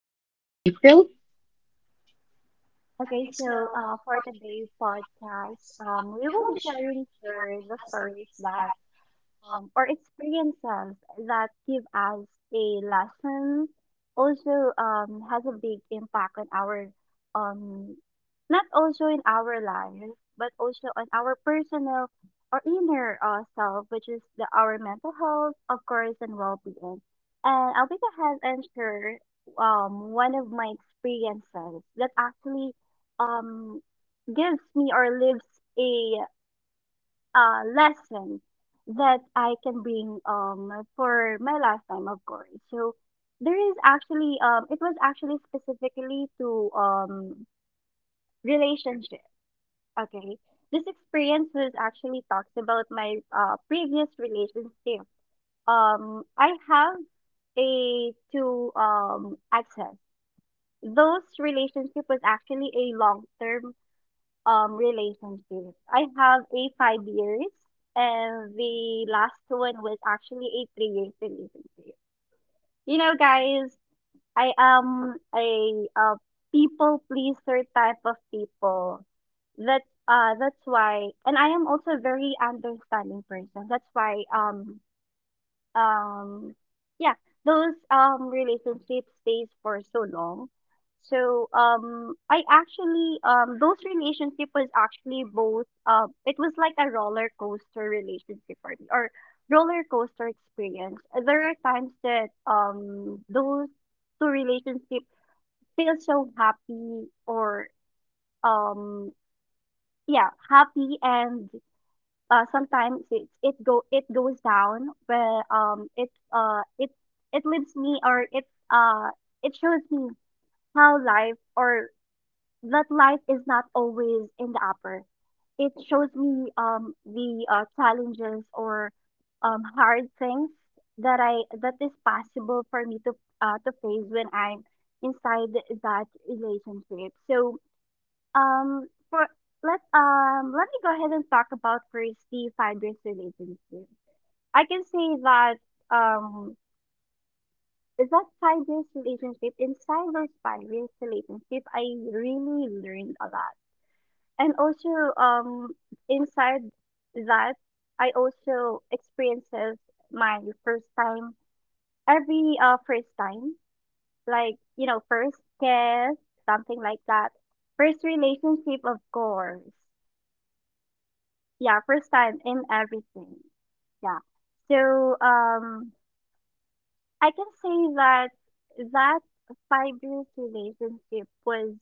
And I'm April. For today's podcast, we will be sharing here the stories that or experiences that give us a lesson, also has a big impact on our um, not also in our life but also on our personal or inner self, which is the our mental health, of course, and well-being. And I'll be the ahead and share one of my experiences that actually um, gives me or lives a lesson that I can bring for my lifetime, of course. So there is actually it was actually specifically to relationship. Okay, this experience was actually talks about my previous relationship. I have a two access. Those relationship was actually a long term relationship. I have a 5 years, and the last one was actually a 3 years relationship. You know guys, I am a people pleaser type of people. That that's why, and I am also a very understanding person. That's why um yeah, those relationship stays for so long. So I actually those relationship was actually both. It was like a roller coaster relationship for me, or roller coaster experience. There are times that those two relationship feel so happy, or um yeah, happy, and sometimes it goes down where it leaves me, or it uh it shows me how life or that life is not always in the upper. It shows me the challenges or hard things that I that is possible for me to face when I'm inside that relationship. So for let let me go ahead and talk about first the 5 years relationship. I can say that um is that 5 years relationship, inside those 5 years relationship I really learned a lot, and also inside that I also experiences my first time, every first time, like, you know, first kiss, something like that, first relationship, of course. Yeah, first time in everything. Yeah. So I can say that that 5 years relationship was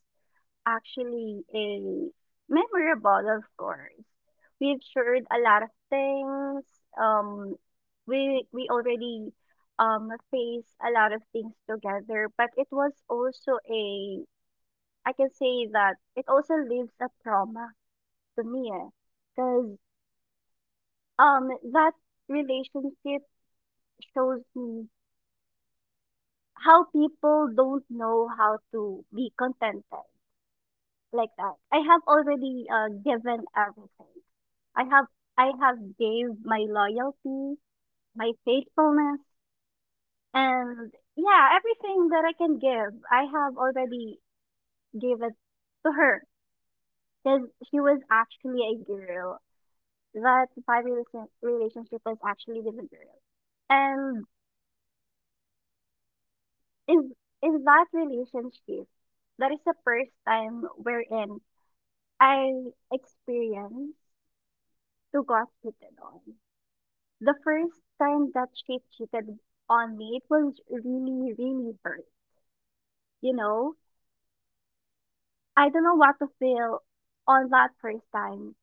actually a memorable, of course. We've shared a lot of things. Um we already faced a lot of things together, but it was also a, I can say that it also leaves a trauma to me. Because that relationship shows me how people don't know how to be contented, like that. I have already given everything. I have I have gave my loyalty, my faithfulness, and yeah, everything that I can give. I have already gave it to her, because she was actually a girl. That 5 years relationship was actually with a girl, and is is that relationship that is the first time wherein I experienced to got cheated on. The first time that she cheated on me, it was really, really hurt. You know, I don't know what to feel on that first time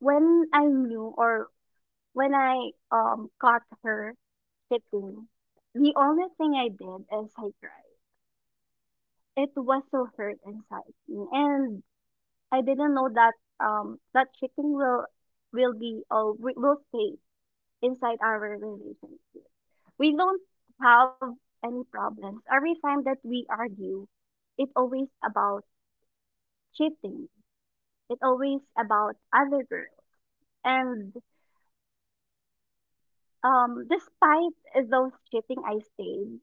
when I knew, or when I caught her cheating. The only thing I did is I cried. It was so hurt inside me, and I didn't know that that chicken will will stay inside our relationship. We don't have any problems. Every time that we argue, it's always about cheating. It's always about other girls. And despite those cheating I stayed,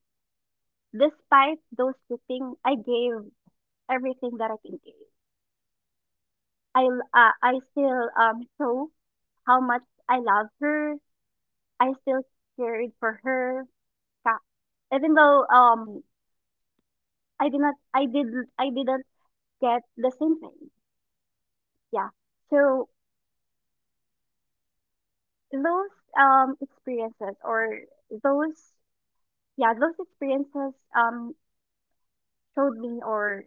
despite those cheating I gave everything that I can give. I still show how much I love her. I still cared for her, ka- even though I did not I did I didn't get the same thing. Yeah. So those um experiences or those yeah those experiences showed me, or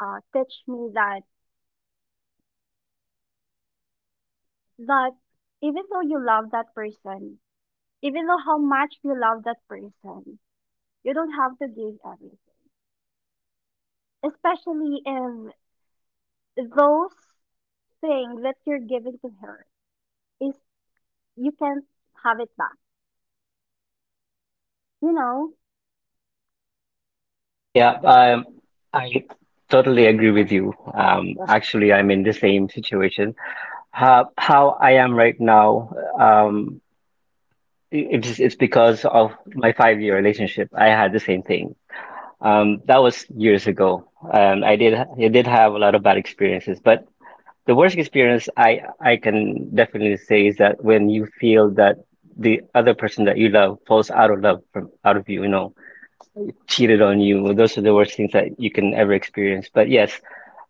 teach me that that even though you love that person, even though how much you love that person, you don't have to give everything. Especially if those things that you're giving to her is, you can't have it back. You know? Yeah, um, I totally agree with you. Actually, I'm in the same situation. How I am right now, um, it's because of my 5 year relationship. I had the same thing. That was years ago, and I did have a lot of bad experiences, but the worst experience I can definitely say is that when you feel that the other person that you love falls out of love from out of you, you know, cheated on you. Those are the worst things that you can ever experience. But yes,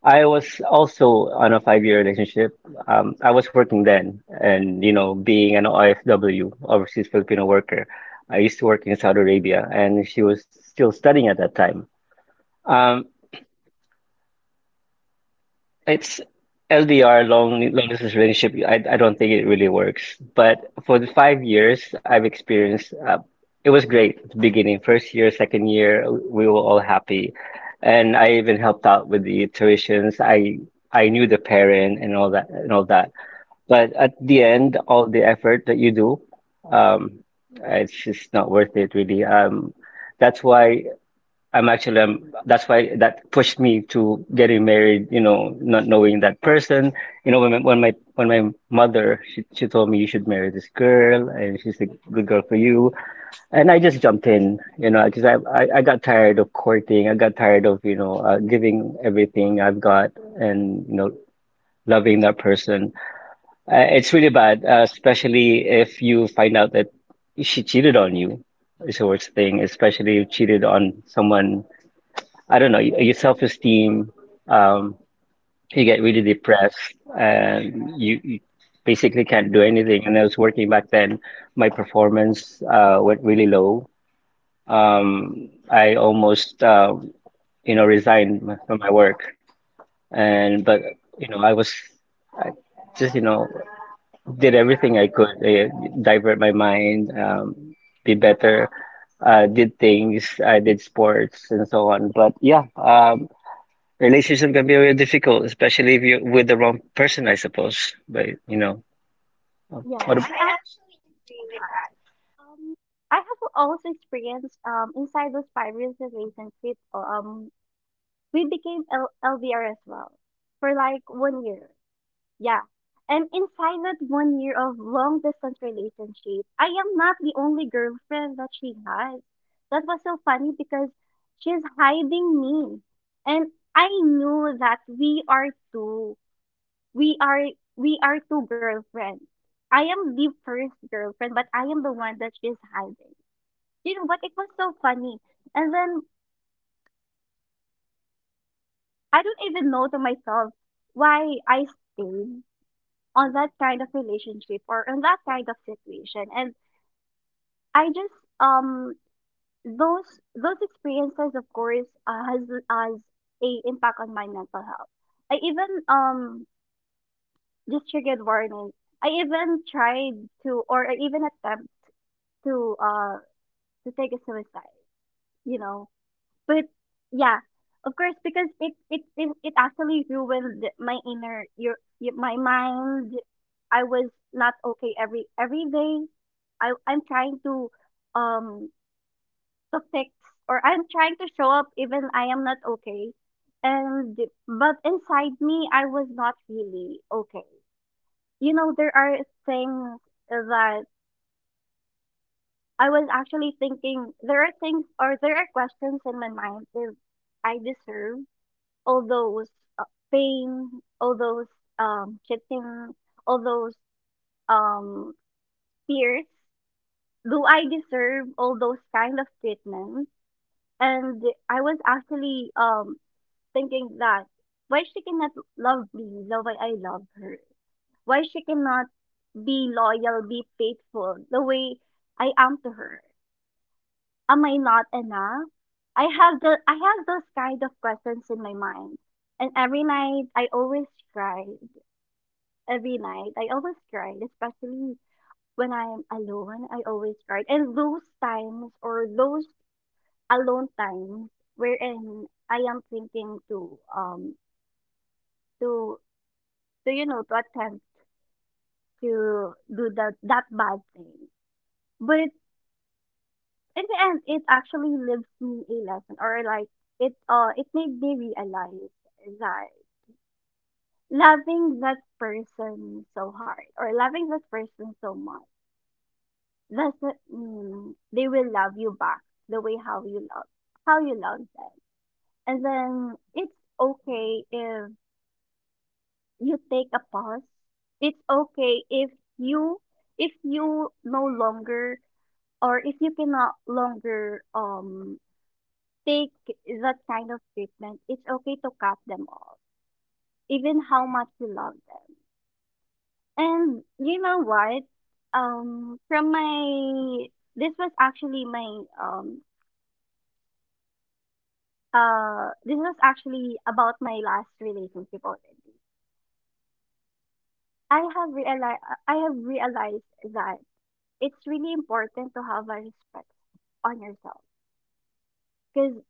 I was also on a 5 year relationship. I was working then, and you know, being an OFW, overseas Filipino worker, I used to work in Saudi Arabia, and she was still studying at that time. Um, It's LDR, long distance relationship. I don't think it really works. But for the 5 years I've experienced, it was great at the beginning. First year, second year, we were all happy, and I even helped out with the tuitions. I knew the parent and all that and all that. But at the end, all the effort that you do, um, it's just not worth it really. That's why. That's why that pushed me to getting married. You know, not knowing that person. You know, when my mother she told me you should marry this girl and she's a good girl for you, and I just jumped in. You know, because I got tired of courting. I got tired of giving everything I've got and loving that person. It's really bad, especially if you find out that she cheated on you. It's the worst thing, especially if you cheated on someone I don't know, your self-esteem, um, you get really depressed and you basically can't do anything. And I was working back then, my performance went really low. I almost, you know, resigned from my work. And, but, you know, I just, you know, did everything I could, divert my mind, be better did things, I did sports and so on. But relationship can be very difficult, especially if you're with the wrong person, I suppose. But you know, Yeah, what? I asked you that. Um, I have also experienced inside those 5 years of relationship. We became L- LDR as well for like 1 year. Yeah, and inside that 1 year of long distance relationship, I am not the only girlfriend that she has. That was so funny because she's hiding me, and I knew that we are we are two girlfriends. I am the first girlfriend, but I am the one that she's hiding. You know what? It was so funny. And then I don't even know to myself why I stayed on that kind of relationship, or on that kind of situation. And I just um those experiences, of course, has a impact on my mental health. I even just triggered warning. I even tried to, or I even attempt to uh to take a suicide, you know. But yeah, of course, because it actually ruined my inner your my mind. I was not okay every day. I'm trying um to fix, or I'm trying to show up even I am not okay. And but inside me I was not really okay. You know, there are things that I was actually thinking, there are things, or there are questions in my mind if I deserve all those uh, pain, all those cheating, all those um fears. Do I deserve all those kind of treatment? And I was actually thinking that why she cannot love me the way I love her? Why she cannot be loyal, be faithful the way I am to her? Am I not enough? I have those kind of questions in my mind. And every night I always cried. Every night I always cried, especially when I'm alone, I always cried. And those times, or those alone times wherein I am thinking to to to, you know, to attempt to do that bad thing. But in the end, it actually lives me a lesson, or like it it made me realize that loving that person so hard, or loving that person so much, doesn't mean they will love you back the way how you love them. And then it's okay if you take a pause. It's okay if you, if you no longer, or if you cannot longer take that kind of treatment, it's okay to cut them off, even how much you love them. And you know what? From my this was actually my this was actually about my last relationship already. I have realized I have realized that it's really important to have a respect on yourself, because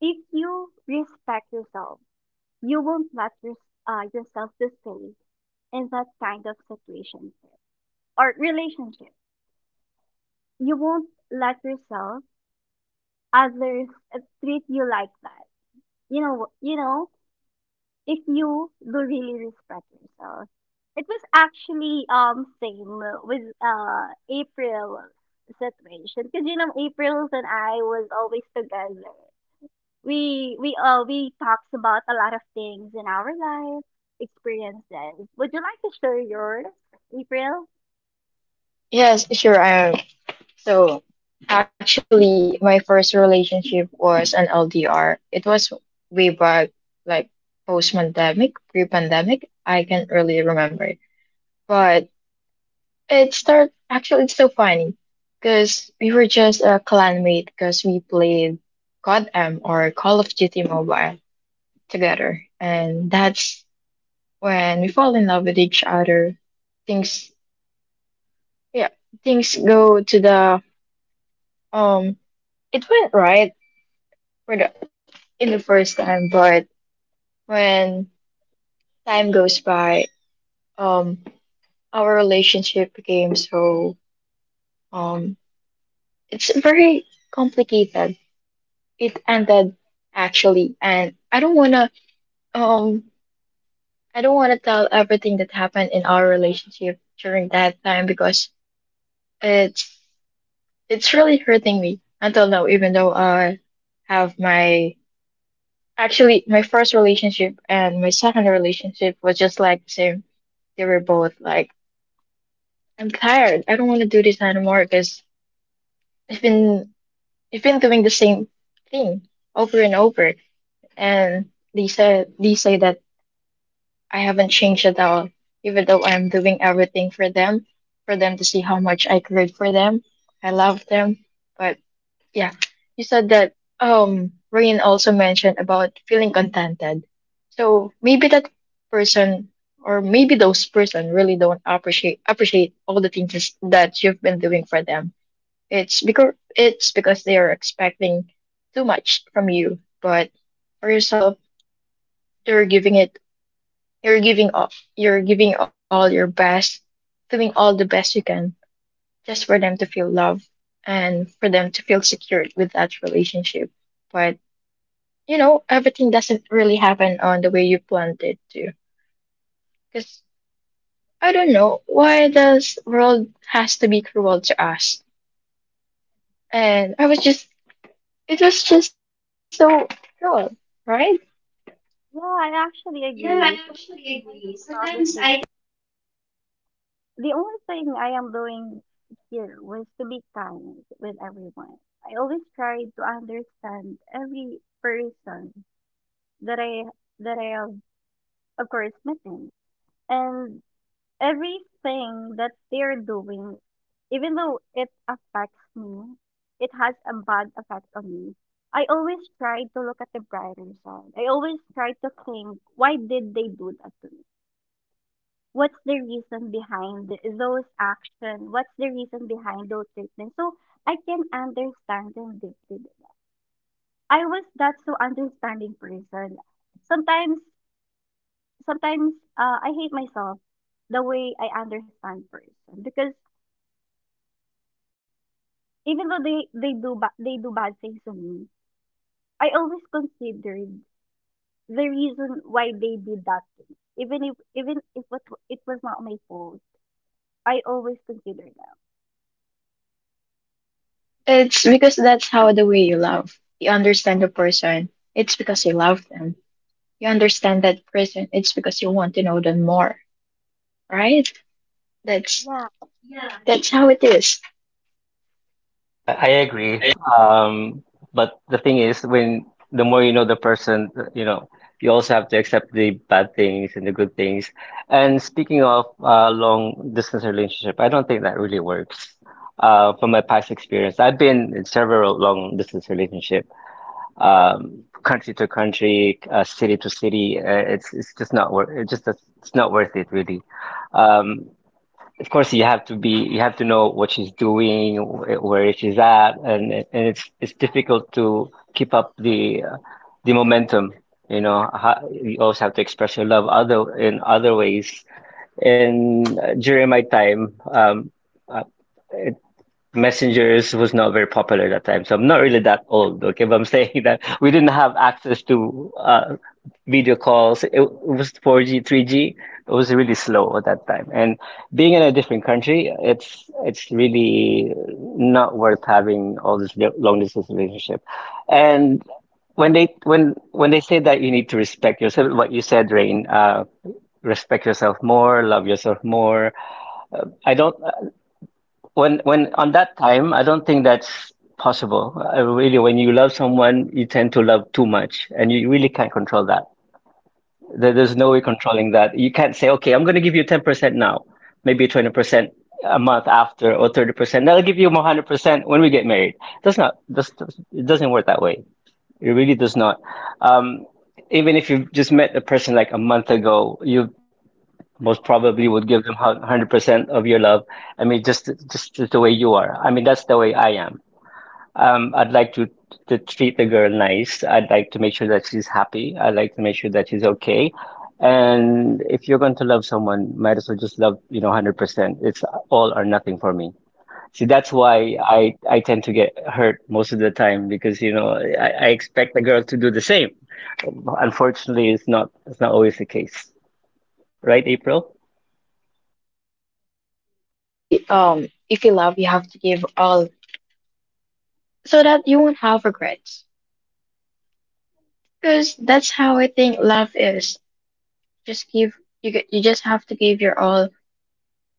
if you respect yourself, you won't let your, yourself to stay in that kind of situation or relationship. You won't let yourself others uh, treat you like that. You know, if you do really respect yourself. It was actually same with April situation, because you know April's and I was always together. We talks about a lot of things in our life experiences. Would you like to share yours, April? Yes, sure, I am. So, actually, my first relationship was an LDR. It was way back, like post-pandemic, pre-pandemic. I can't really remember it. But it started, actually, it's so funny because we were just a clanmate because we played CODM or Call of Duty Mobile together. And that's when we fall in love with each other. Things, yeah, things go to the um It went right for the in the first time, but when time goes by, um, our relationship became so um, it's very complicated. It ended actually, and um, I don't wanna tell everything that happened in our relationship during that time because it's it's really hurting me until now, even though I have my. Actually, my first relationship and my second relationship was just like the same. They were both like, I'm tired. I don't want to do this anymore because I've been I've been doing the same thing over and over. And they say that I haven't changed at all, even though I'm doing everything for them to see how much I cared for them. I love them, but yeah, you said that Rain also mentioned about feeling contented. So maybe that person or maybe those person really don't appreciate all the things that you've been doing for them. It's because they are expecting too much from you, but for yourself, you're giving it you're giving all you're giving all your best, doing all the best you can just for them to feel love and for them to feel secured with that relationship. But you know, everything doesn't really happen on the way you planned it to. Because I don't know why this world has to be cruel to us. And I was just, it was just so cruel, right? Yeah, I Yeah, actually I agree. actually Sometimes agree. I think Sometimes about I. the same. The only thing I am doing here was to be kind with everyone. I always try to understand every person that I that I have, of course, meeting, and everything that they're doing, even though it affects me, it has a bad effect on me. I always try to look at the brighter side. I always try to think, why did they do that to me? What's the reason behind those action, what's the reason behind those statements, so I can understand them deeply. I was that so understanding person. sometimes Sometimes I hate myself the way I understand person, because even though they they do bad things to me, I always considered the reason why they did that to me, even if it, it was not my fault, I always consider them. It's because that's how the way you love. You understand the person. It's because you love them. You understand that person. It's because you want to know them more, right? That's Yeah, that's how it is. That. I agree. Um, but the thing is, when the more you know the person, you know, you also have to accept the bad things and the good things. And speaking of long distance relationship, I don't think that really works. From my past experience, I've been in several long distance relationships. Country to country, city to city. It's just not worth. It's not worth it really. Um, of course, you have to be. You have to know what she's doing, where she's at, and it's difficult to keep up the momentum. You know, how, you also have to express your love other in other ways. And during my time, uh, Messengers was not very popular at that time, so I'm not really that old, okay? But I'm saying that we didn't have access to video calls. It was 4G, 3G. It was really slow at that time. And being in a different country, it's really not worth having all this long distance relationship. And when they say that you need to respect yourself, what you said, Rain, respect yourself more, love yourself more. I don't When on that time I don't think that's possible really. When you love someone you tend to love too much and you really can't control that. There, there's no way controlling that. You can't say okay I'm going to give you 10% now, maybe 20% a month after, or 30%. I'll give you 100% when we get married. That's not that's, It doesn't work that way. It really does not. um, Even if you've just met a person like a month ago you most probably would give them 100% of your love. I mean, just the way you are. I mean, that's the way I am. I'd like to treat the girl nice. I'd like to make sure that she's happy. I'd like to make sure that she's okay. And if you're going to love someone, might as well just love, you know, 100%. It's all or nothing for me. See, that's why I tend to get hurt most of the time because, you know, I expect the girl to do the same. Unfortunately, it's not always the case. Right, April? Yes, actually, if you love, you have to give all so that you won't have regrets. Because that's how I think love is. Just give you just have to give your all,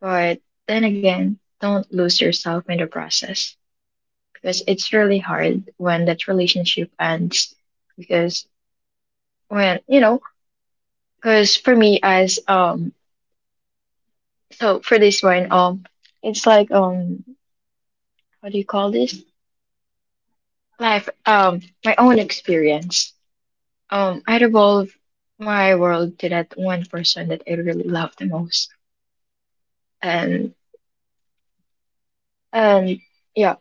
but then again, don't lose yourself in the process because it's really hard when that relationship ends. Because when you know, because for me as so for this one it's like how do you call this? Life my own experience. I revolve my world to that one person that I really love the most and and yeah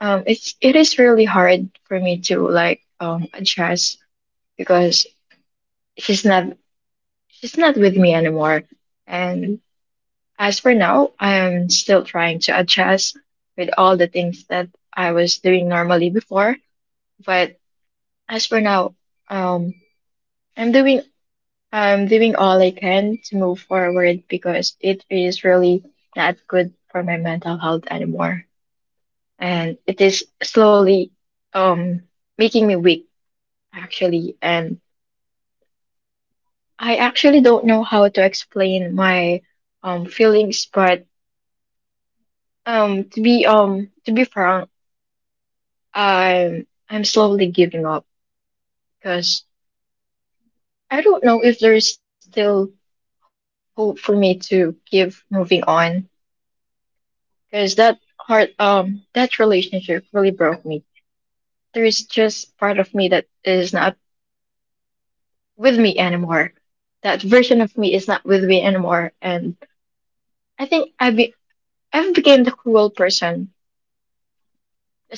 it is really hard for me to like adjust because she's not she's not with me anymore, and as for now I am still trying to adjust with all the things that I was doing normally before. But as for now, um i'm doing I'm doing all I can to move forward because it is really not good for my mental health anymore, and it is slowly um making me weak actually. And I actually don't know how to explain my feelings, but to be frank, I'm slowly giving up because I don't know if there's still hope for me to give moving on, because that heart that relationship really broke me. There is just part of me that is not with me anymore. That version of me is not with me anymore. And I think I've became the cruel person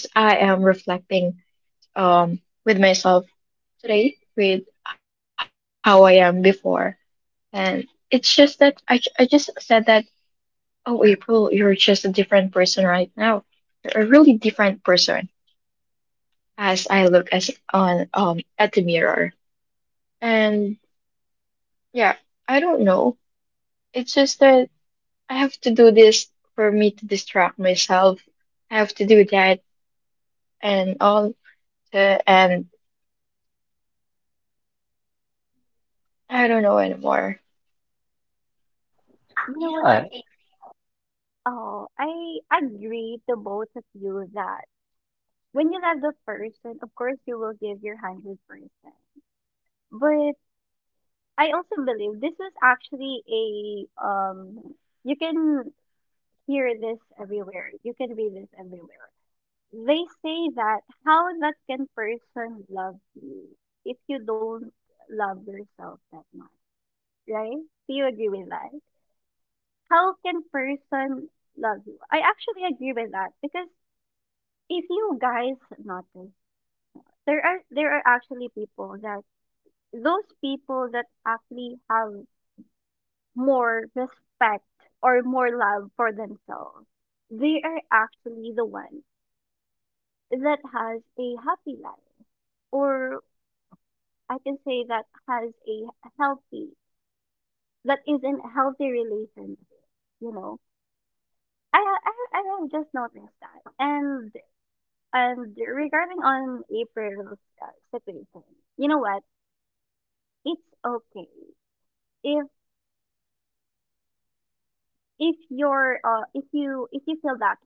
as I am reflecting um with myself today with how I am before. And it's just that I just said that, oh, April, you're just a different person right now. You're a really different person as I look as on at the mirror. And yeah, I don't know. It's just that I have to do this for me to distract myself. I have to do that and all to, and I don't know anymore. you know Yeah. what? Uh, Oh, I agree to both of you that when you love the person, of course you will give your 100%. But I also believe this is actually a, you can hear this everywhere. You can read this everywhere. They say that how that can person love you if you don't love yourself that much, right? Do you agree with that? How can person love you? I actually agree with that, because if you guys notice, there are actually people that, those people that actually have more respect or more love for themselves, they are actually the ones that has a happy life, or I can say that has a healthy, that is in a healthy relationship. You know, I have just noticed that, and regarding on April's situation, you know what? It's okay if if you're if you feel that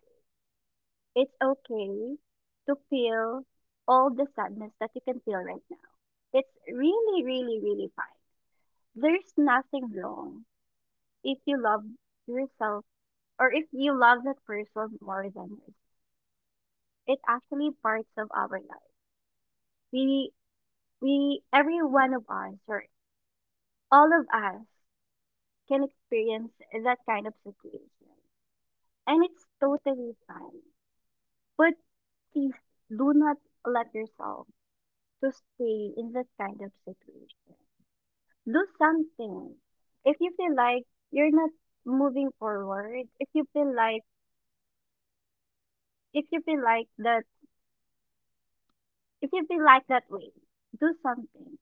it's okay to feel all the sadness that you can feel right now. It's really, really, really fine. There's nothing wrong if you love yourself or if you love that person more than yourself. It's actually parts of our life. We we every one of us, or all of us, can experience that kind of situation, and it's totally fine. But please do not let yourself to stay in that kind of situation. Do something. If you feel like you're not moving forward, if you feel like if you feel like that if you feel like that way, do something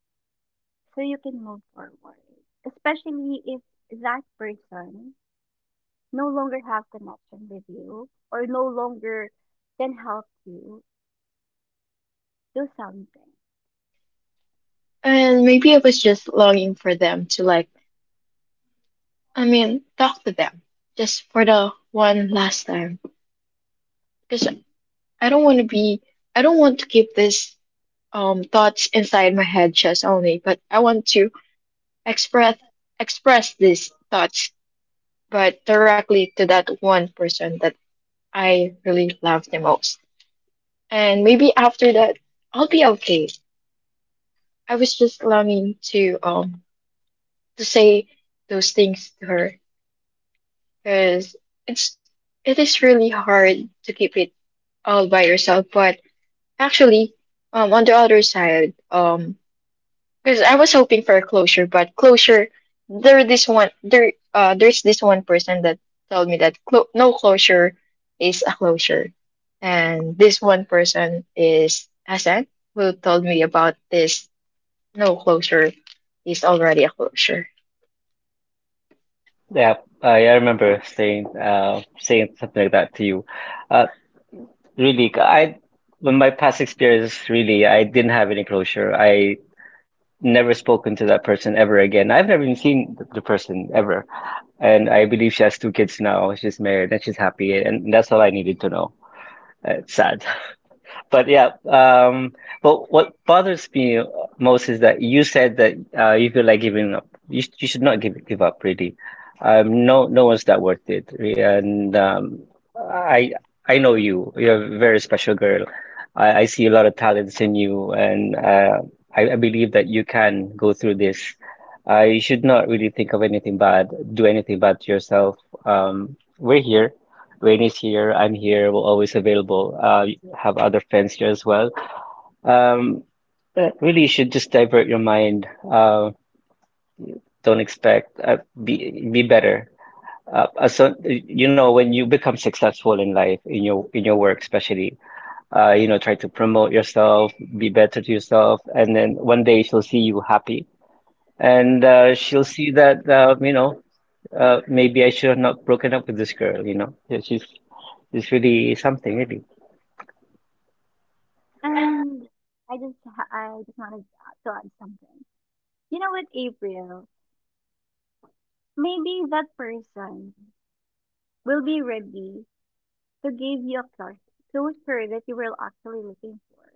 so you can move forward. Especially if that person no longer have connection with you or no longer can help you, do something. And maybe I was just longing for them to like, I mean, talk to them just for the one last time. Because I don't want to be, I don't want to keep this thoughts inside my head just only, but I want to express express these thoughts, but directly to that one person that I really love the most. And maybe after that I'll be okay. I was just longing to say those things to her because it's it is really hard to keep it all by yourself. But actually, on the other side, because I was hoping for a closure, but closure, there's this one person that told me that no closure is a closure, and this one person is Hassan, who told me about this. No closure is already a closure. Yeah, I remember saying something like that to you. Uh Really, I when my past experience really I didn't have any closure. I never spoken to that person ever again. I've never even seen the person ever. And I believe she has 2 kids now. She's married and she's happy and that's all I needed to know. It's sad. But but what bothers me most is that you said that you feel like giving up. You should not give up, really. No, no one's that worth it. And I I know you. You're a very special girl. I see a lot of talents in you, and I believe that you can go through this. You should not really think of anything bad, do anything bad to yourself. We're here. Rain is here. I'm here. We're always available. Have other friends here as well. Um, really, you should just divert your mind. Don't expect be better. So you know when you become successful in life, in your work especially, you know, try to promote yourself, be better to yourself, and then one day she'll see you happy, and she'll see that you know maybe I should have not broken up with this girl. You know, yeah, she's really something, really. And I just wanted to add something. You know what, April? Maybe that person will be ready to give you a closure that you were actually looking for.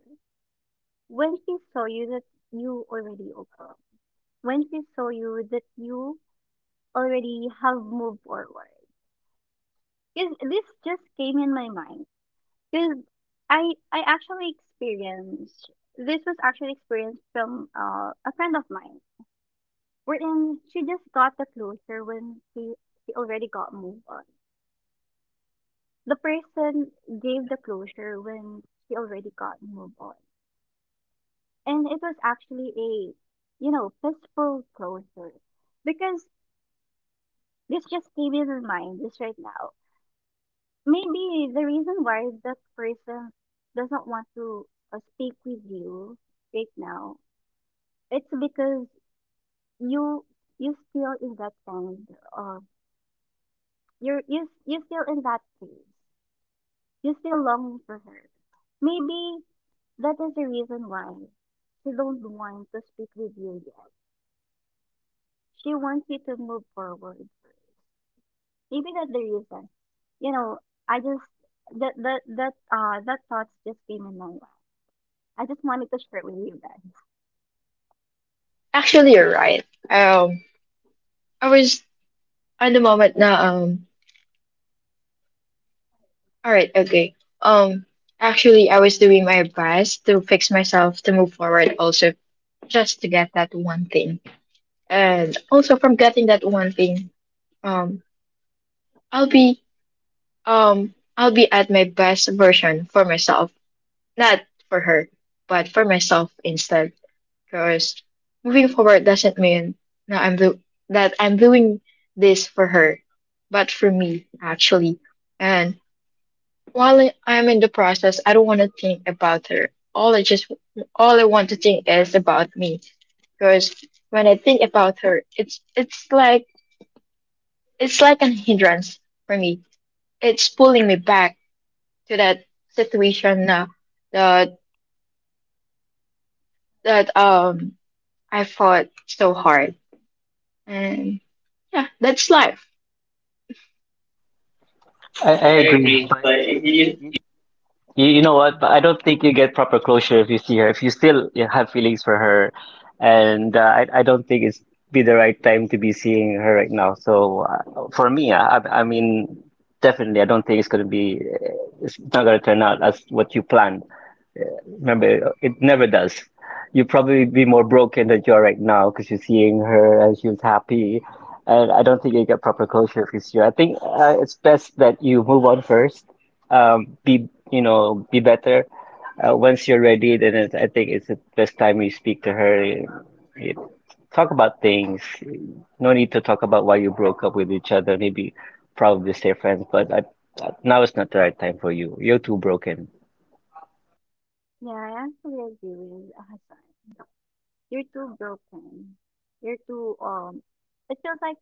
When she saw you that you already opened. When she saw you that you already have moved forward. Because this just came in my mind. Because I actually experienced this was actually experienced from a friend of mine. Wherein she just got the closure when she already got moved on. The person gave the closure when she already got moved on. And it was actually a peaceful closure. Because this just came in my mind just right now. Maybe the reason why that person doesn't want to speak with you right now, it's because you you still in that kind of you're you you still in that phase, you still longing for her. Maybe that is the reason why she don't want to speak with you yet. She wants you to move forward first. Maybe that's the reason. You know, I just that that that that thoughts just came in my mind. I just wanted to share it with you guys. Actually, you're right. I was at the moment now. All right, okay. Um, actually, I was doing my best to fix myself to move forward. Also, just to get that one thing, and also from getting that one thing, um, I'll be I'll be at my best version for myself, not for her, but for myself instead. Cause moving forward doesn't mean now I'm do that I'm doing this for her, but for me actually. And while I'm in the process, I don't want to think about her. All I just all I want to think is about me, because when I think about her, it's like it's like an hindrance for me. It's pulling me back to that situation now that that um I fought so hard, and yeah, that's life. I I I agree, agree, but but you, you you, you know what? I don't think you get proper closure if you see her. If you still you know, have feelings for her, and I don't think it's be the right time to be seeing her right now. So for me, I mean, definitely, I don't think it's gonna be. It's not gonna turn out as what you planned. Remember, it never does. You'll probably be more broken than you are right now because you're seeing her and she was happy. And I don't think you get proper closure if you see her. I think it's best that you move on first. Be, you know, be better. Once you're ready, then I think it's the best time you speak to her. You talk about things. No need to talk about why you broke up with each other. Maybe probably stay friends, but now it's not the right time for you. You're too broken. Yeah, I actually agree with Hassan. You're too broken. You're too It feels like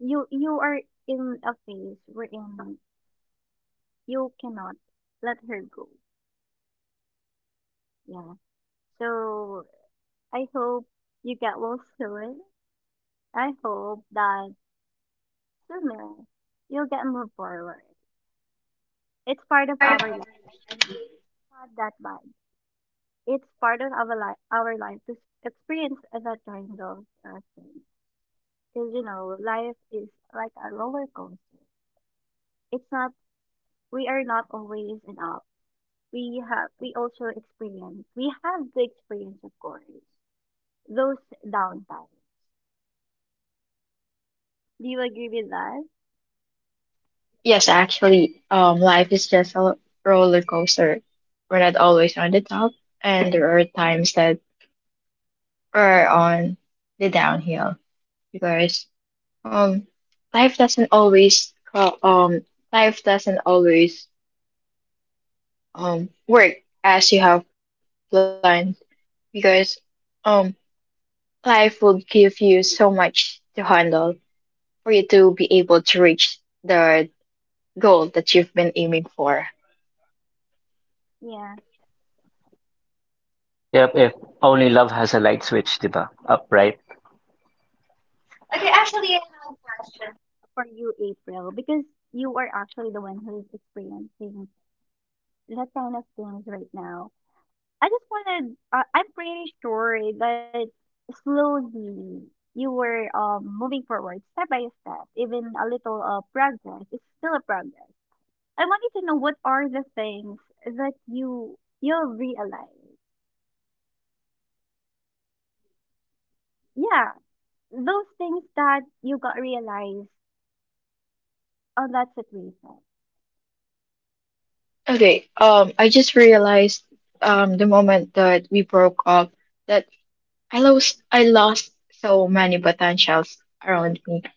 you are in a phase wherein you cannot let her go. Yeah. So I hope you get well soon. I hope that sooner you'll get move forward. It's part of our life, not that bad. It's part of our life to experience that kind of thing. Because you know, life is like a roller coaster. It's not. We are not always in up. We have. We also experience. We have the experience, of course. Those downtimes. Do you agree with that? yes, actually, life is just a roller coaster. We're not always on the top, and there are times that we're on the downhill because um, life doesn't always co- um, life doesn't always work as you have planned because um, life will give you so much to handle for you to be able to reach the goal that you've been aiming for. Yeah. Yep, if only love has a light switch, diba? Up, right? Okay, actually, for you, April, because you are actually the one who's experiencing that kind of things right now. I'm pretty sure that slowly you were moving forward step by step, even a little progress. It's still a progress. I wanted to know what are the things that you realize. Yeah, those things that you got realized on that situation. Okay, I just realized the moment that we broke up that I lost so many button shells around me.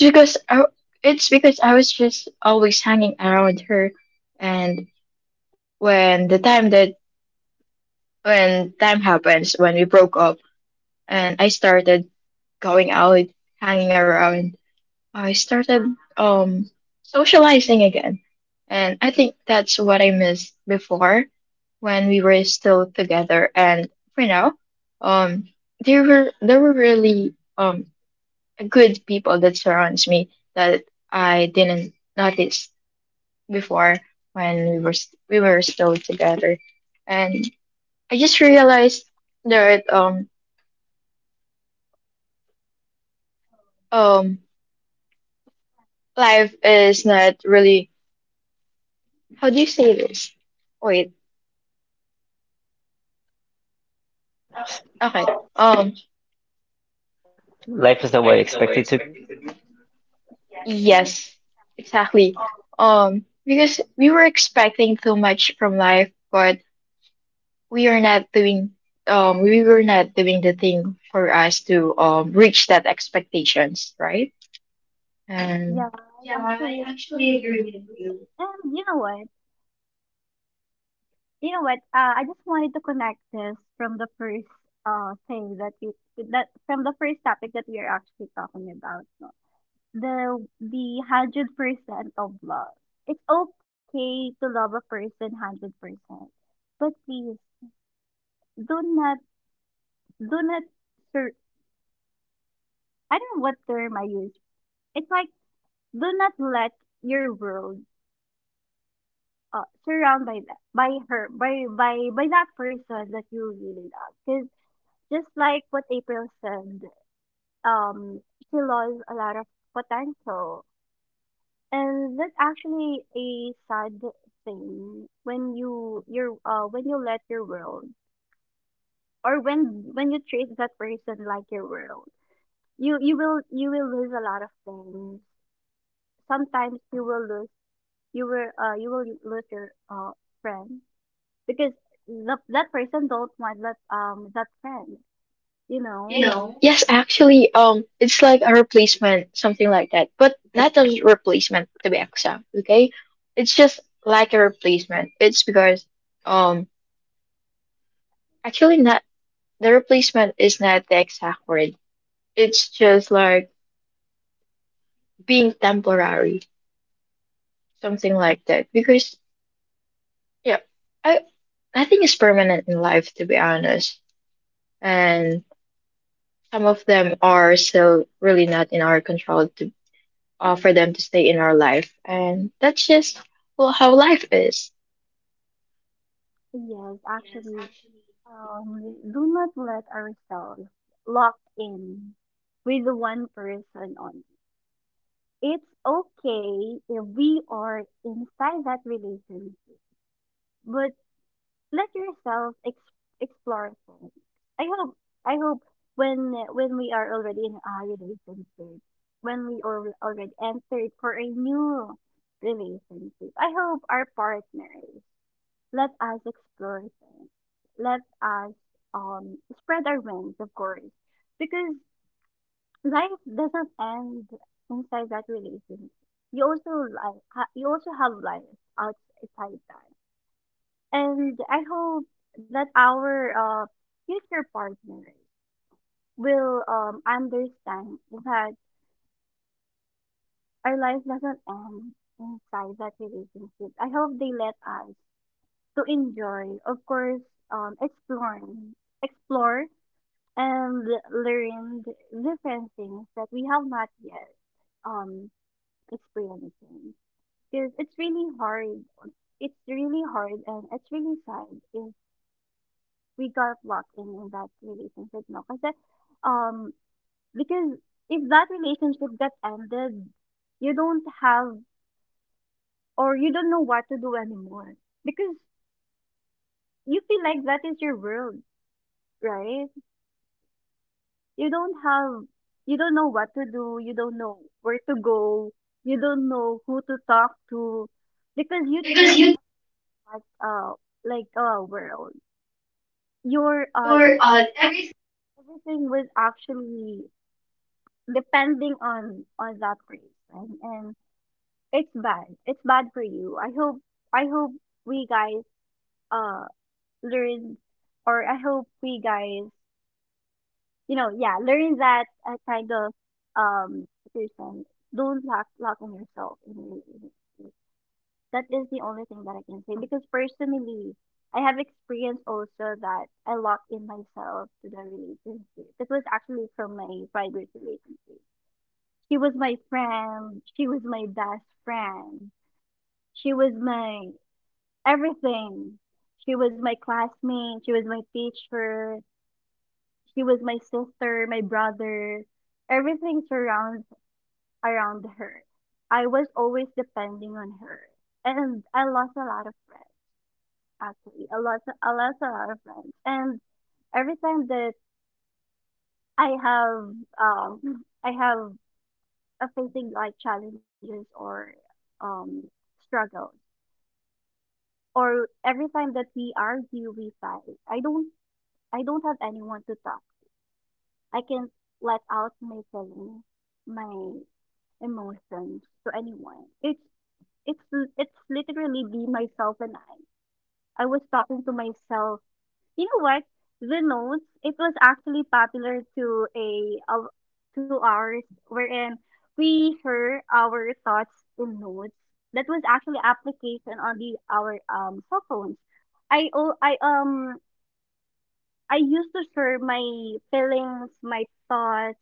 It's because I it's because I was just always hanging around her, and when the time that when time happens when we broke up and I started going out, hanging around, I started um socializing again. And I think that's what I missed before when we were still together. And for now, um there were really good people that surrounds me that I didn't notice before when we were still together. And I just realized that um life is not really, how do you say this? Wait, okay. Life is the way I Life is the expect way it to be. expected to be. Yes, exactly. Because we were expecting too much from life, but we are not doing we were not doing the thing for us to reach that expectations, right? And Yeah, yeah, I actually, actually agree with you. and you know what? You know what? I just wanted to connect this from the first thing that we that from the first topic that we are actually talking about. No? The 100% of love. It's okay to love a person 100%, but please do not do not sur-. I don't know what term I use. It's like do not let your world surround by that by her by that person that you really love. Because just like what April said. um, she lost a lot of potential. And that's actually a sad thing when you you're when you let your world, or when you treat that person like your world, you will lose a lot of things. Sometimes you will lose your friend because that person don't want that that friend. You know? You know. Yes, actually, it's like a replacement, something like that, but not a replacement to be exact. Okay, it's just like a replacement. It's because, um, actually, not. The replacement is not the exact word. It's just like being temporary, something like that. Because yeah, I nothing is permanent in life to be honest, and some of them are so really not in our control to for them to stay in our life, and that's just well, how life is. Yes, actually. Do not let ourselves lock in with one person only. It's okay if we are inside that relationship, but let yourself explore things. I hope, I hope, when we are already entered for a new relationship, I hope our partners let us explore things. Let us spread our wings, of course, because life doesn't end inside that relationship. You also have life outside that, and I hope that our future partners will understand that our life doesn't end inside that relationship. I hope they let us to enjoy, of course, um, exploring, explore and learned different things that we have not yet um experiencing, because it's really hard and it's really sad if we got locked in that relationship, no kasi, um because if that relationship got ended, you don't have you don't know what to do anymore because you feel like that is your world, right? you don't have you don't know what to do, you don't know where to go, you don't know who to talk to because you treat that like uh like a world, your everything was actually depending on that person, and it's bad for you. I hope, we guys, uh learn, or I hope we guys you know, yeah, learn that kind of um person. Don't lock on yourself, in a way. That is the only thing that I can say because personally, I have experienced also that I locked in myself to the relationship. That was actually from my private relationship. She was my friend. She was my best friend. She was my everything. She was my classmate. She was my teacher. She was my sister, my brother. Everything surrounds around her. I was always depending on her. And I lost a lot of friends, actually. I lost a lot of friends. And every time that I have, I have a facing like challenges, or um, struggles, or every time that we argue, we fight, I don't have anyone to talk. I can let out my feelings, my emotions to anyone. It's literally be myself and I. I was talking to myself. You know what? The notes. It was actually popular to a of to ours wherein we heard our thoughts in notes. That was actually application on the our cell phones. I al- I used to share my feelings, my thoughts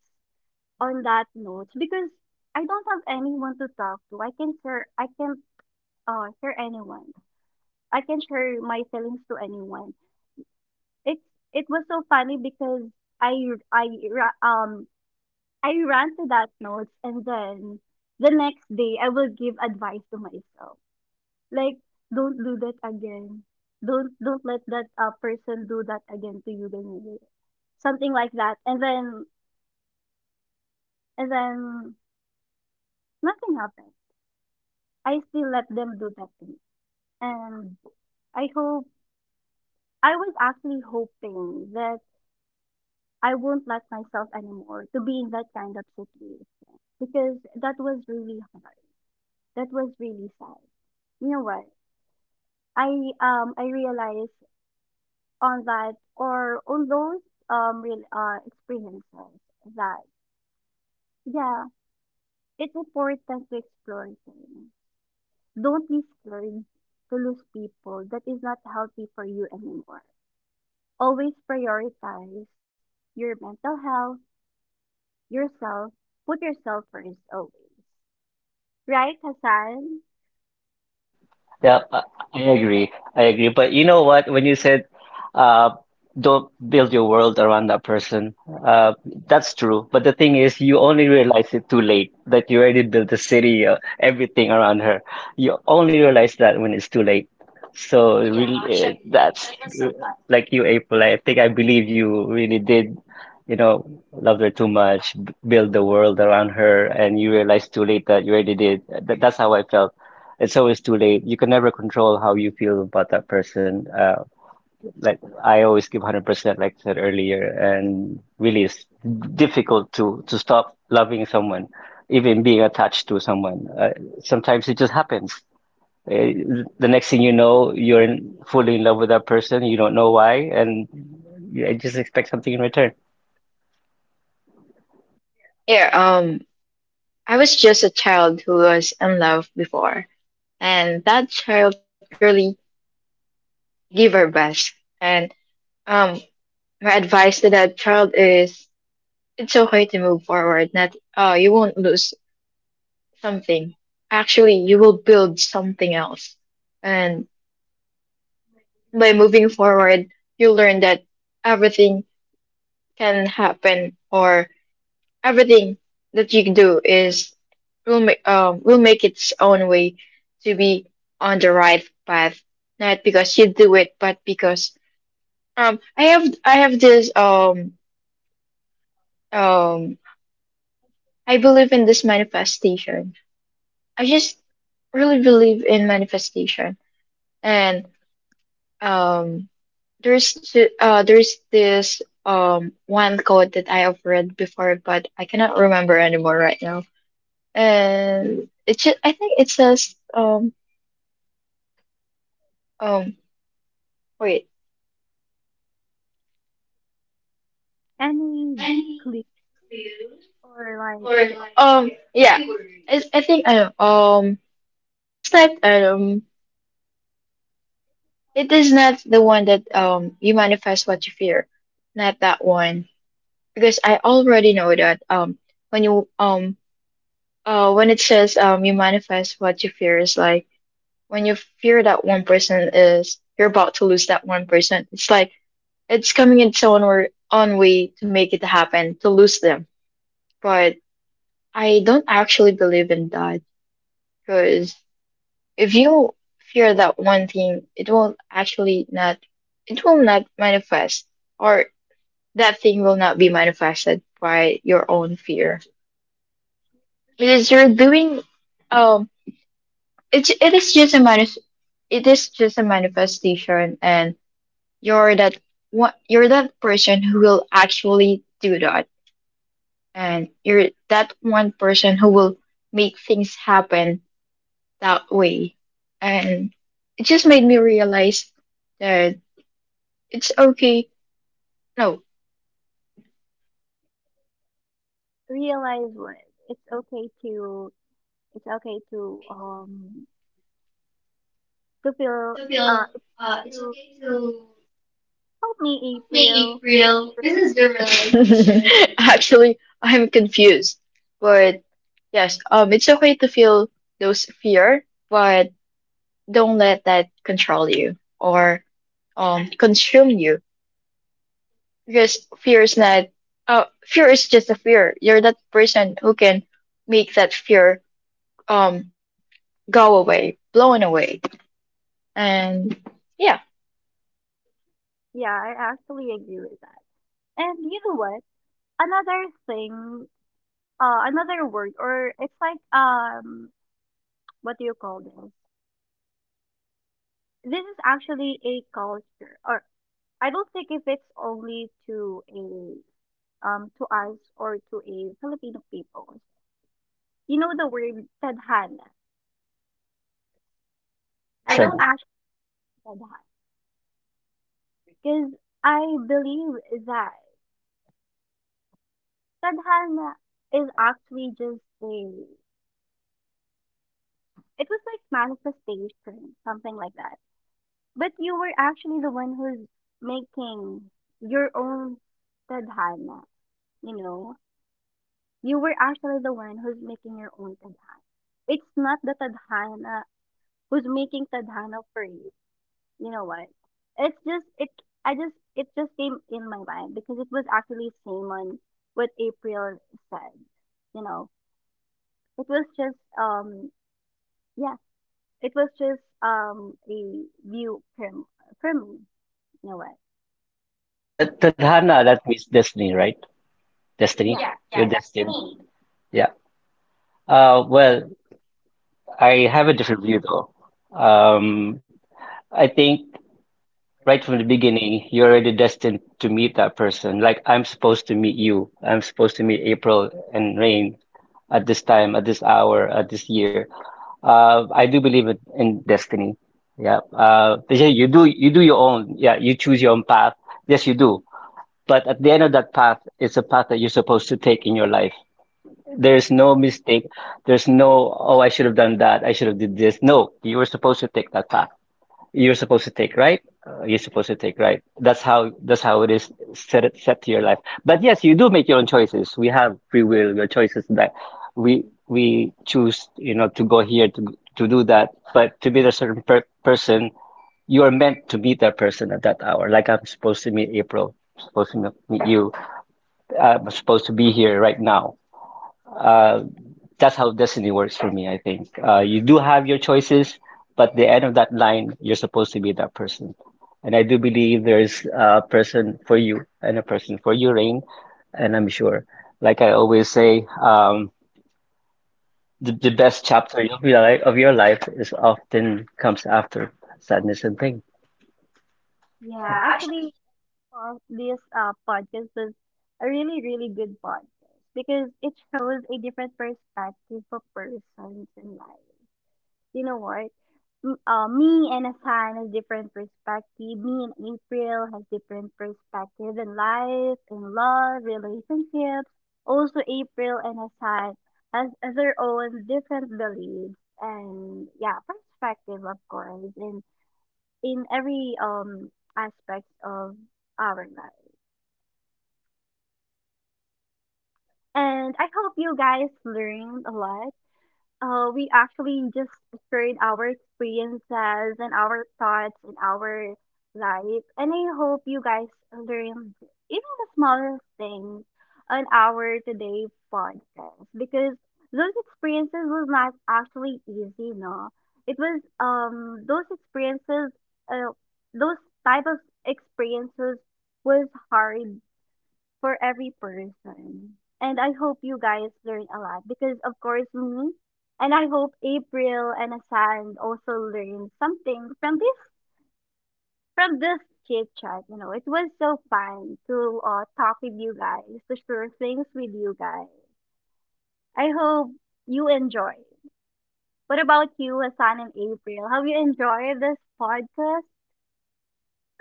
on that notes because I don't have anyone to talk to. I can share anyone. I can share my feelings to anyone. It's, it was so funny because I I ra- um I ran to that notes, and then the next day I will give advice to myself. Like, don't do that again. Don't let that person do that again to you, Daniel. Something like that. And then, and then nothing happened. I still let them do that to me. And I hope I was actually hoping that I won't let myself anymore to be in that kind of situation because that was really hard. That was really sad. You know what? I I realized on that or on those real experiences that, yeah, it's important to explore things. Don't be scared to lose people. That is not healthy for you anymore. Always prioritize your mental health, yourself, put yourself first always. Right, Hassan? Yeah, I agree. I agree. But you know what? When you said, uh, don't build your world around that person, uh, that's true. But the thing is, you only realize it too late that you already built the city, everything around her. You only realize that when it's too late. So really, that's uh, like you, April. I think I believe you really did, you know, love her too much, build the world around her, and you realize too late that you already did. That, that's how I felt. It's always too late. You can never control how you feel about that person. Like I always give 100%, like I said earlier, and really it's difficult to stop loving someone, even being attached to someone. Sometimes it just happens. The next thing you know, you're in, fully in love with that person. You don't know why, and you just expect something in return. Yeah, I was just a child who was in love before, and that child really give our best. And um, my advice to that child is it's okay to move forward. Not you won't lose something. Actually, you will build something else. And by moving forward, you learn that everything can happen, or everything that you do is will make its own way to be on the right path. Not because you do it, but because I have this Um, I believe in this manifestation. I just really believe in manifestation. And um, there's there's this one quote that I have read before, but I cannot remember anymore right now. And it's just I think it says um wait And we click, or like, yeah, it's, I think I know it's that it is not the one that you manifest what you fear. Not that one. Because I already know that when you um when it says you manifest what you fear is like when you fear that one person is you're about to lose that one person. It's like it's coming in its own or own way to make it happen, to lose them. But I don't actually believe in that because if you fear that one thing, it will actually not, it will not manifest, or that thing will not be manifested by your own fear. It is you're doing um it is just a it is just a manifestation, and you're that you're that person who will actually do that, and you're that one person who will make things happen that way. And it just made me realize that it's okay. No, realize what, it's okay to, it's okay to um to feel, uh to help me, April. Actually, I'm confused. But yes, it's okay to feel those fear, but don't let that control you or consume you. Because fear is not fear is just a fear. You're that person who can make that fear um go away, blown away. And yeah, Yeah, I actually agree with that. And you know what? Another thing, another word, or it's like, what do you call this? This is actually a culture, or I don't think if it's only to a, to us, or to a Filipino people. You know the word tadhana. I Yes, I. don't I ask tadhana because I believe that tadhana is actually just a it was like manifestation, something like that. But you were actually the one who's making your own tadhana, you know. You were actually the one who's making your own tadhana, it's not the tadhana who's making tadhana parade. You know what? It's just it. I just it just came in my mind because it was actually same on what April said. You know, it was just yeah, a view from me. You know what? Tad- Tadhana, that means destiny, right? Destiny. Yeah, Yeah, Your destiny. Destiny. Yeah. Well, I have a different view though. Um, I think right from the beginning, you're already destined to meet that person. Like I'm supposed to meet you. I'm supposed to meet April and Rain at this time, at this hour, at this year. I do believe in destiny. Yeah. They say you do your own. Yeah, you choose your own path. Yes, you do. But at the end of that path, it's a path that you're supposed to take in your life. There's no mistake. There's no, oh, I should have done that. I should have did this. No, you were supposed to take that path. You're supposed to take right. You're supposed to take right. That's how it is set to your life. But yes, you do make your own choices. We have free will. Your choices that we choose, you know, to go here to do that. But to meet a certain per person, you are meant to meet that person at that hour. Like I'm supposed to meet April. Supposed to meet you. I'm supposed to be here right now, uh, that's how destiny works for me, I think. You do have your choices, but the end of that line, you're supposed to be that person. And I do believe there's a person for you and a person for you, Rain. And I'm sure, like I always say, the best chapter of your life is often comes after sadness and pain. yeah. Actually, this podcast was a really, really good podcast because it shows a different perspective of persons in life. You know what? Me and Asan has different perspective. Me and April has different perspective in life, in love, relationships. Also, April and Asan has their own different beliefs and, yeah, perspective, of course, in every aspects of our life. And I hope you guys learned a lot. We actually just shared our experiences and our thoughts and our life. And I hope you guys learned even the smallest things on our today podcast because those experiences was not actually easy, no. It was, uh, those type of experiences was hard for every person. And I hope you guys learn a lot because, of course, me, and I hope April and Asan also learn something from this, from this chit chat. You know, it was so fun to, talk with you guys, to share things with you guys. I hope you enjoy. What about you, Asan and April? Have you enjoyed this podcast?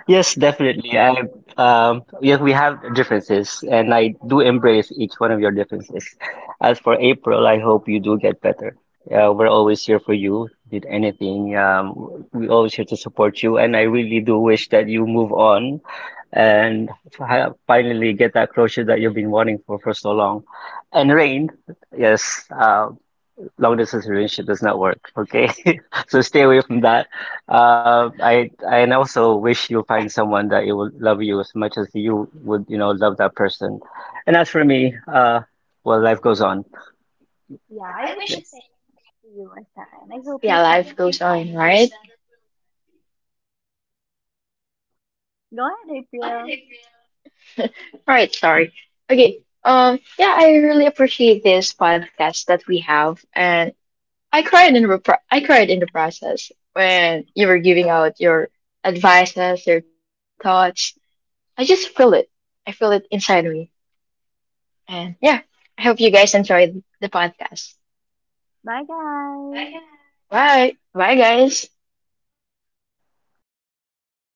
Yes, definitely. I yes, we have differences, and I do embrace each one of your differences. As for April, I hope you do get better. We're always here for you. Did anything, we always here to support you, and I really do wish that you move on and finally get that closure that you've been wanting for so long. And Rain, yes, long distance relationship does not work. Okay, so stay away from that. And also wish you'll find someone that you will love you as much as you would, you know, love that person. And as for me, well, life goes on. Yeah, I wish Yeah. the same to you, Asan. I hope you yeah, find. life goes on, right? Go ahead, April. All right, sorry. Okay. Yeah, I really appreciate this podcast that we have, and I cried in the process when you were giving out your advices, your thoughts. I just feel it. I feel it inside me, and yeah, I hope you guys enjoyed the podcast. Bye, guys. Bye, bye, guys.